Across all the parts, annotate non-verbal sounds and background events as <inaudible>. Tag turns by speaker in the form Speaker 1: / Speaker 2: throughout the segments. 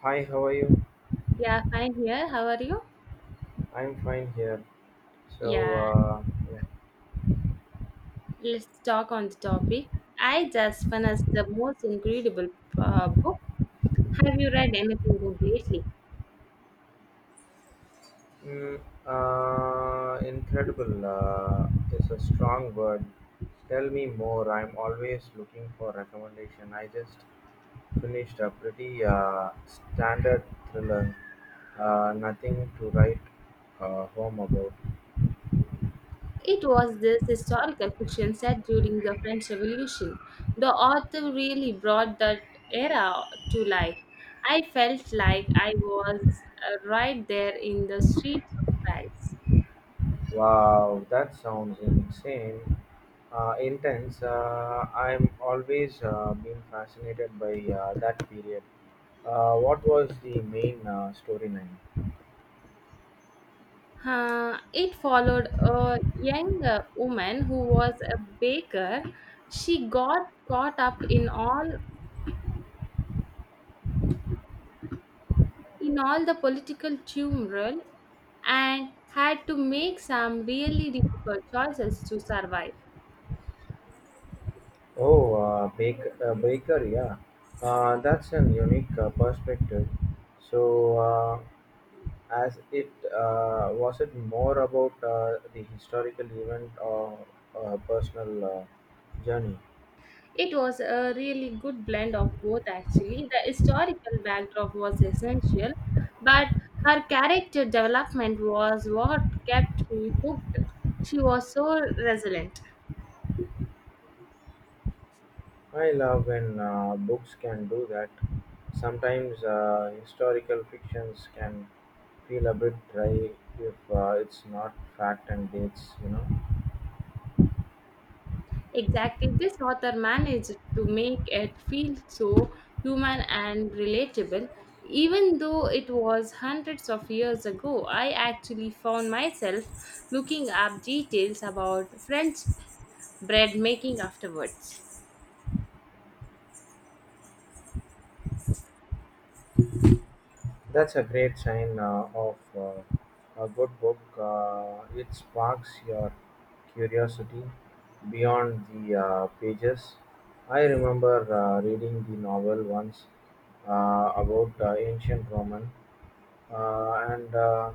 Speaker 1: Hi, how are you?
Speaker 2: Yeah, fine here. How are you?
Speaker 1: I'm fine here. So,
Speaker 2: Yeah,
Speaker 1: uh, yeah.
Speaker 2: let's talk on the topic. I just finished the most incredible book. Have you read anything good lately?
Speaker 1: Mm, Incredible is a strong word. Tell me more. I'm always looking for recommendation. I just finished a pretty standard thriller. Nothing to write home about.
Speaker 2: It was this historical fiction set during the French Revolution. The author really brought that era to life. I felt like I was right there in the streets of Paris.
Speaker 1: Wow, that sounds insane. Intense. I'm always been fascinated by that period. What was the main storyline?
Speaker 2: It followed a young woman who was a baker. She got caught up in all the political turmoil and had to make some really difficult choices to survive.
Speaker 1: Oh, Baker, Baker, yeah. That's an unique perspective. So, as it was it more about the historical event or personal journey?
Speaker 2: It was a really good blend of both, actually. The historical backdrop was essential, but her character development was what kept me hooked. She was so resilient.
Speaker 1: I love when books can do that. Sometimes historical fictions can feel a bit dry if it's not fact and dates, you know.
Speaker 2: Exactly. This author managed to make it feel so human and relatable. Even though it was hundreds of years ago, I actually found myself looking up details about French bread making afterwards.
Speaker 1: That's a great sign of a good book. It sparks your curiosity beyond the pages. I remember reading the novel once about ancient Roman, and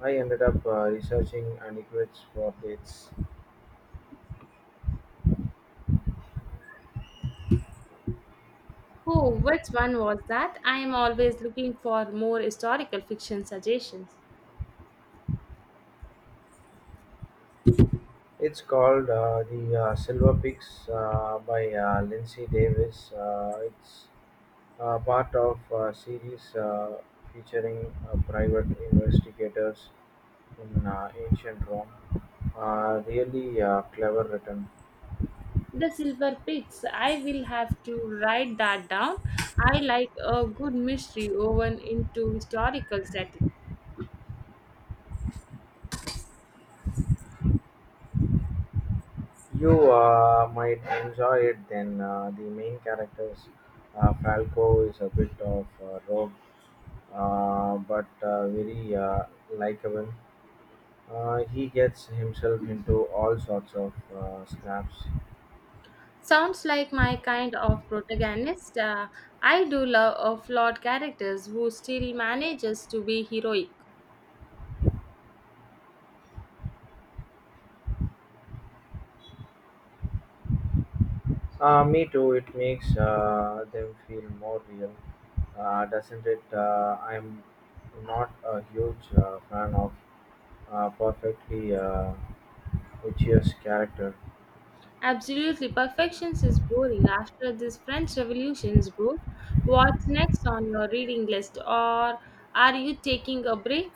Speaker 1: I ended up researching antiquities for dates.
Speaker 2: Oh, which one was that? I am always looking for more historical fiction suggestions.
Speaker 1: It's called the Silver Pigs by Lindsay Davis. It's part of a series featuring private investigators in ancient Rome. Really clever written.
Speaker 2: The Silver Pigs. I will have to write that down. I like a good mystery woven into historical setting.
Speaker 1: You might enjoy it. Then the main characters, Falco, is a bit of a rogue, but very likable. He gets himself into all sorts of snaps.
Speaker 2: Sounds like my kind of protagonist. I do love flawed characters who still manages to be heroic.
Speaker 1: Me too. It makes them feel more real. Doesn't it? I'm not a huge fan of perfectly Uchiha's character.
Speaker 2: Absolutely, Perfections is boring. After this French Revolution's book, what's next on your reading list, or are you taking a break?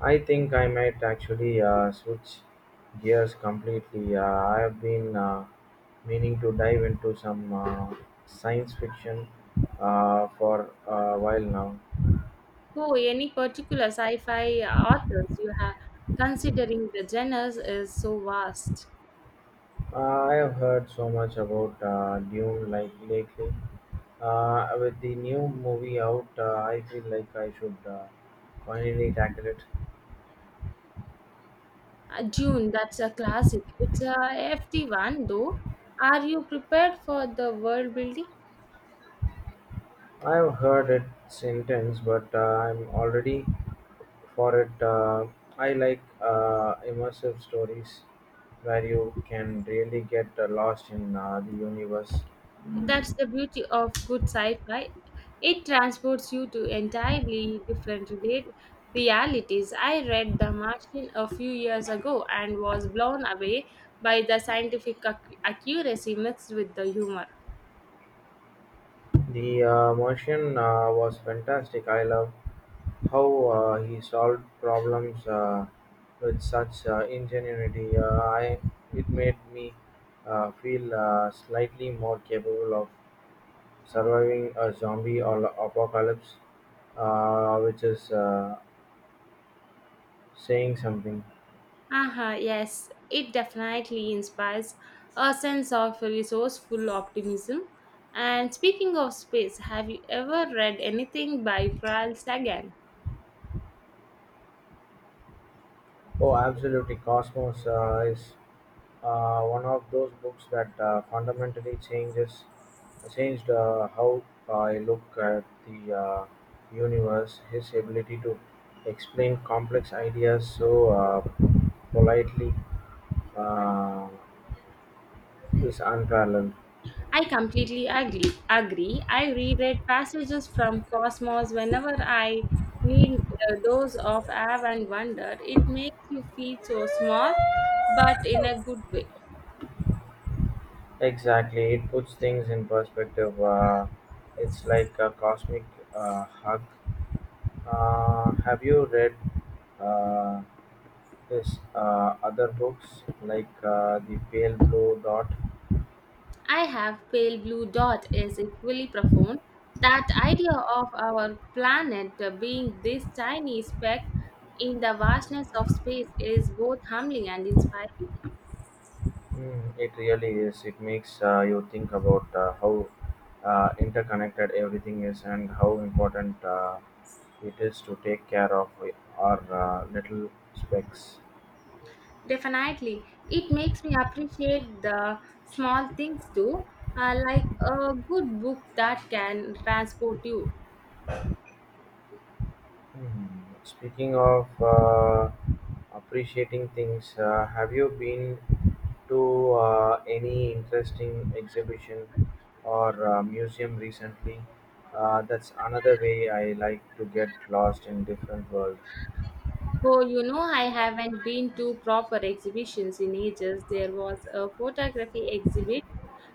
Speaker 1: I think I might actually switch gears completely. I have been meaning to dive into some science fiction for a while now.
Speaker 2: Who, any particular sci-fi authors you have considering the genres is so vast?
Speaker 1: I have heard so much about Dune like lately. With the new movie out, I feel like I should finally tackle it.
Speaker 2: June, that's a classic. It's a hefty one, though. Are you prepared for the world building?
Speaker 1: I've heard it intense, but I'm already for it. I like immersive stories where you can really get lost in the universe.
Speaker 2: That's the beauty of good sci-fi. It transports you to entirely different realities. I read The Martian a few years ago and was blown away by the scientific accuracy mixed with the humor.
Speaker 1: The Martian was fantastic. I love how he solved problems with such ingenuity. I It made me feel slightly more capable of surviving a zombie or apocalypse which is saying something.
Speaker 2: Uh-huh, yes, it definitely inspires a sense of resourceful optimism. And speaking of space, have you ever read anything by Carl Sagan?
Speaker 1: Oh, absolutely. Cosmos is one of those books that fundamentally changes changed how I look at the universe. His ability to explain complex ideas so politely uh, is unparalleled.
Speaker 2: I completely agree. Agree. I reread passages from Cosmos whenever I need a dose of awe and wonder. It makes you feel so small, but in a good way.
Speaker 1: Exactly, it puts things in perspective. It's like a cosmic hug. Have you read? Uh, Yes, other books like The Pale Blue Dot,
Speaker 2: I have pale blue dot is equally profound. That idea of our planet being this tiny speck in the vastness of space is both humbling and inspiring.
Speaker 1: mm, it really is. It makes you think about how interconnected everything is and how important it is to take care of our little specks.
Speaker 2: Definitely, it makes me appreciate the small things too, like a good book that can transport you.
Speaker 1: Hmm. Speaking of appreciating things, have you been to any interesting exhibition or museum recently? That's another way I like to get lost in different world.
Speaker 2: Oh, you know, I haven't been to proper exhibitions in ages. There was a photography exhibit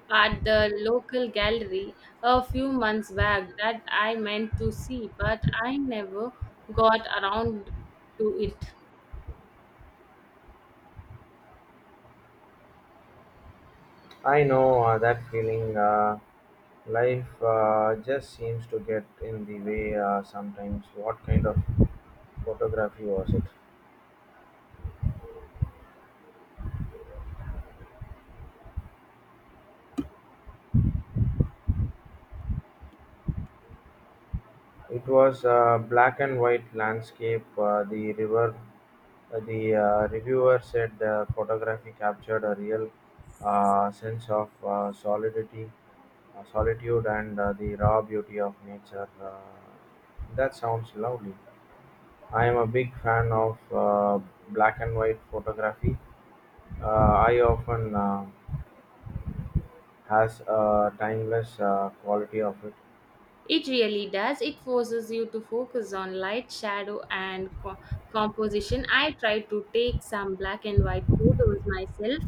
Speaker 2: at the local gallery a few months back that I meant to see, but I never got around to it.
Speaker 1: I know that feeling. Life just seems to get in the way sometimes. What kind of photography was it? It was a black and white landscape. The river. The reviewer said the photography captured a real sense of solidity solitude and the raw beauty of nature. That sounds lovely. I am a big fan of black and white photography. I often has a timeless quality of it.
Speaker 2: It really does. It forces you to focus on light, shadow, and composition. I tried to take some black and white photos myself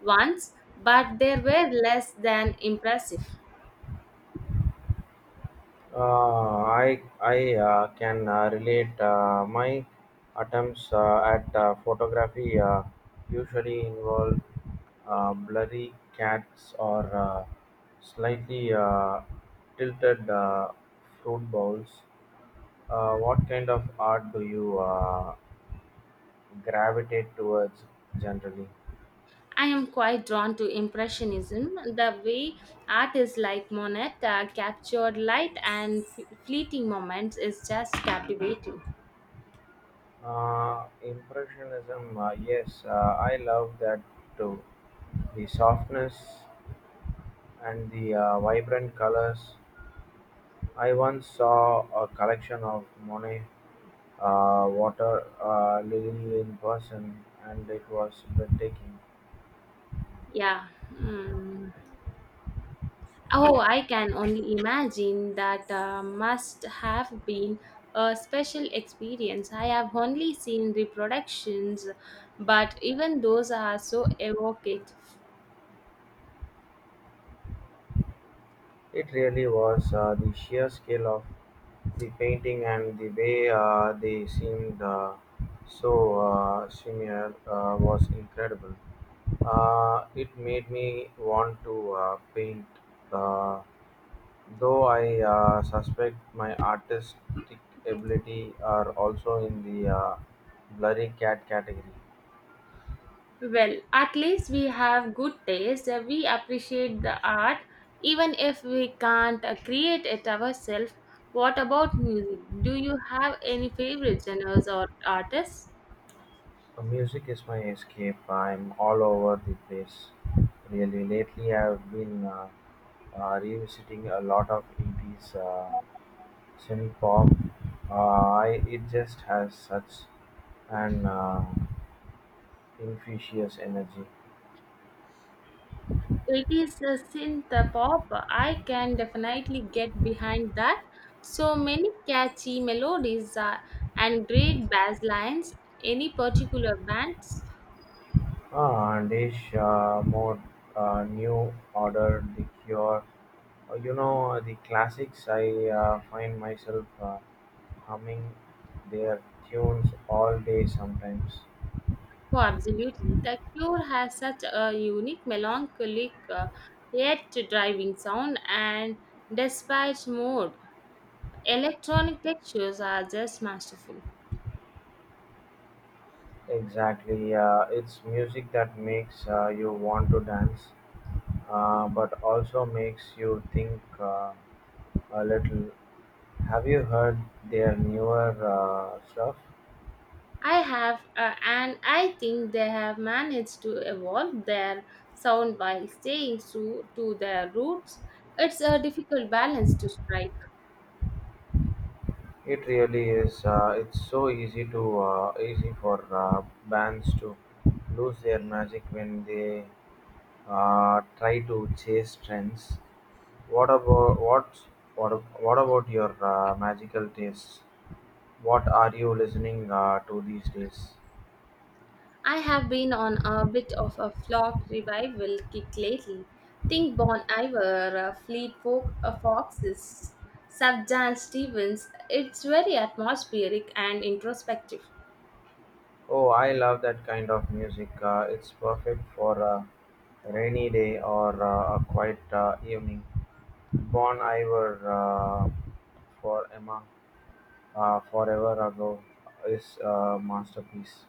Speaker 2: once, but they were less than impressive.
Speaker 1: I can relate, my attempts at photography usually involve blurry cats or slightly tilted fruit bowls. What kind of art do you gravitate towards generally?
Speaker 2: I am quite drawn to Impressionism, the way artists like Monet captured light and fleeting moments is just captivating.
Speaker 1: Impressionism, yes, I love that too. The softness and the vibrant colors. I once saw a collection of Monet water lily in person, and it was breathtaking.
Speaker 2: Yeah. Mm. Oh, I can only imagine that must have been a special experience. I have only seen reproductions, but even those are so evocative.
Speaker 1: It really was, the sheer scale of the painting and the way they seemed so similar was incredible. It made me want to paint, uh, though I suspect my artistic ability are also in the blurry cat category.
Speaker 2: Well, at least we have good taste. We appreciate the art, even if we can't create it ourselves. What about music? Do you have any favorite genres or artists?
Speaker 1: Music is my escape. I'm all over the place. Really, lately I've been revisiting a lot of 80s synth pop. It just has such an infectious energy.
Speaker 2: It is a synth pop. I can definitely get behind that. So many catchy melodies and great bass lines. Any particular bands?
Speaker 1: Ah, Dish, more new order, the cure. You know, the classics, I find myself humming their tunes all day sometimes.
Speaker 2: Oh, absolutely. The Cure has such a unique, melancholic, yet driving sound and despite mode. Electronic textures are just masterful.
Speaker 1: Exactly, it's music that makes you want to dance, but also makes you think. A little. Have you heard their newer stuff?
Speaker 2: I have, and I think they have managed to evolve their sound while staying true to their roots. It's a difficult balance to strike.
Speaker 1: It really is. It's so easy to easy for bands to lose their magic when they try to chase trends. What about what what about your magical tastes? What are you listening to these days?
Speaker 2: I have been on a bit of a flock revival kick lately. Think Bon Iver, Fleet Folk, Foxes, Subjan Stevens. It's very atmospheric and introspective.
Speaker 1: Oh, I love that kind of music. It's perfect for a rainy day or a quiet evening. "Bon Iver" uh, for Emma "Forever Ago" is a masterpiece.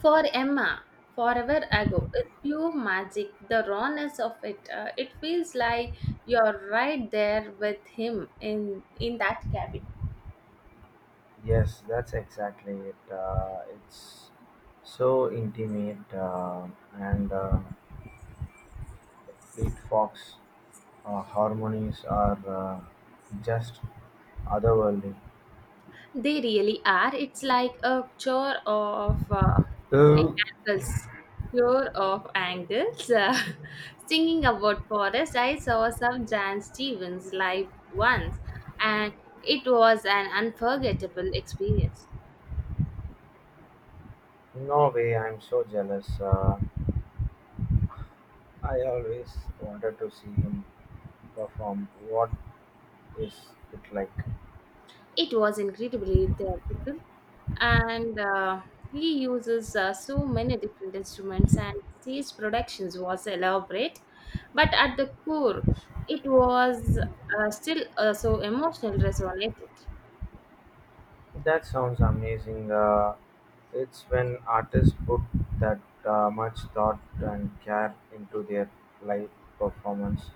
Speaker 2: For Emma, Forever Ago, it's pure magic. The rawness of it. It feels like you're right there with him in that cabin.
Speaker 1: Yes, that's exactly it. It's so intimate, and Fleet Fox harmonies are just otherworldly.
Speaker 2: They really are. It's like a chore of
Speaker 1: Uh,
Speaker 2: angles. Chore of angles. <laughs> Singing about forest, I saw some Jan Stevens live once, and it was an unforgettable experience.
Speaker 1: no way, I'm so jealous. I always wanted to see him perform. What is it like?
Speaker 2: It was incredibly theatrical, and he uses so many different instruments, and his productions was elaborate, but at the core, it was still so emotional resonated.
Speaker 1: That sounds amazing. It's when artists put that much thought and care into their live performance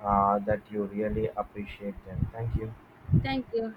Speaker 1: that you really appreciate them. Thank you.
Speaker 2: Thank you.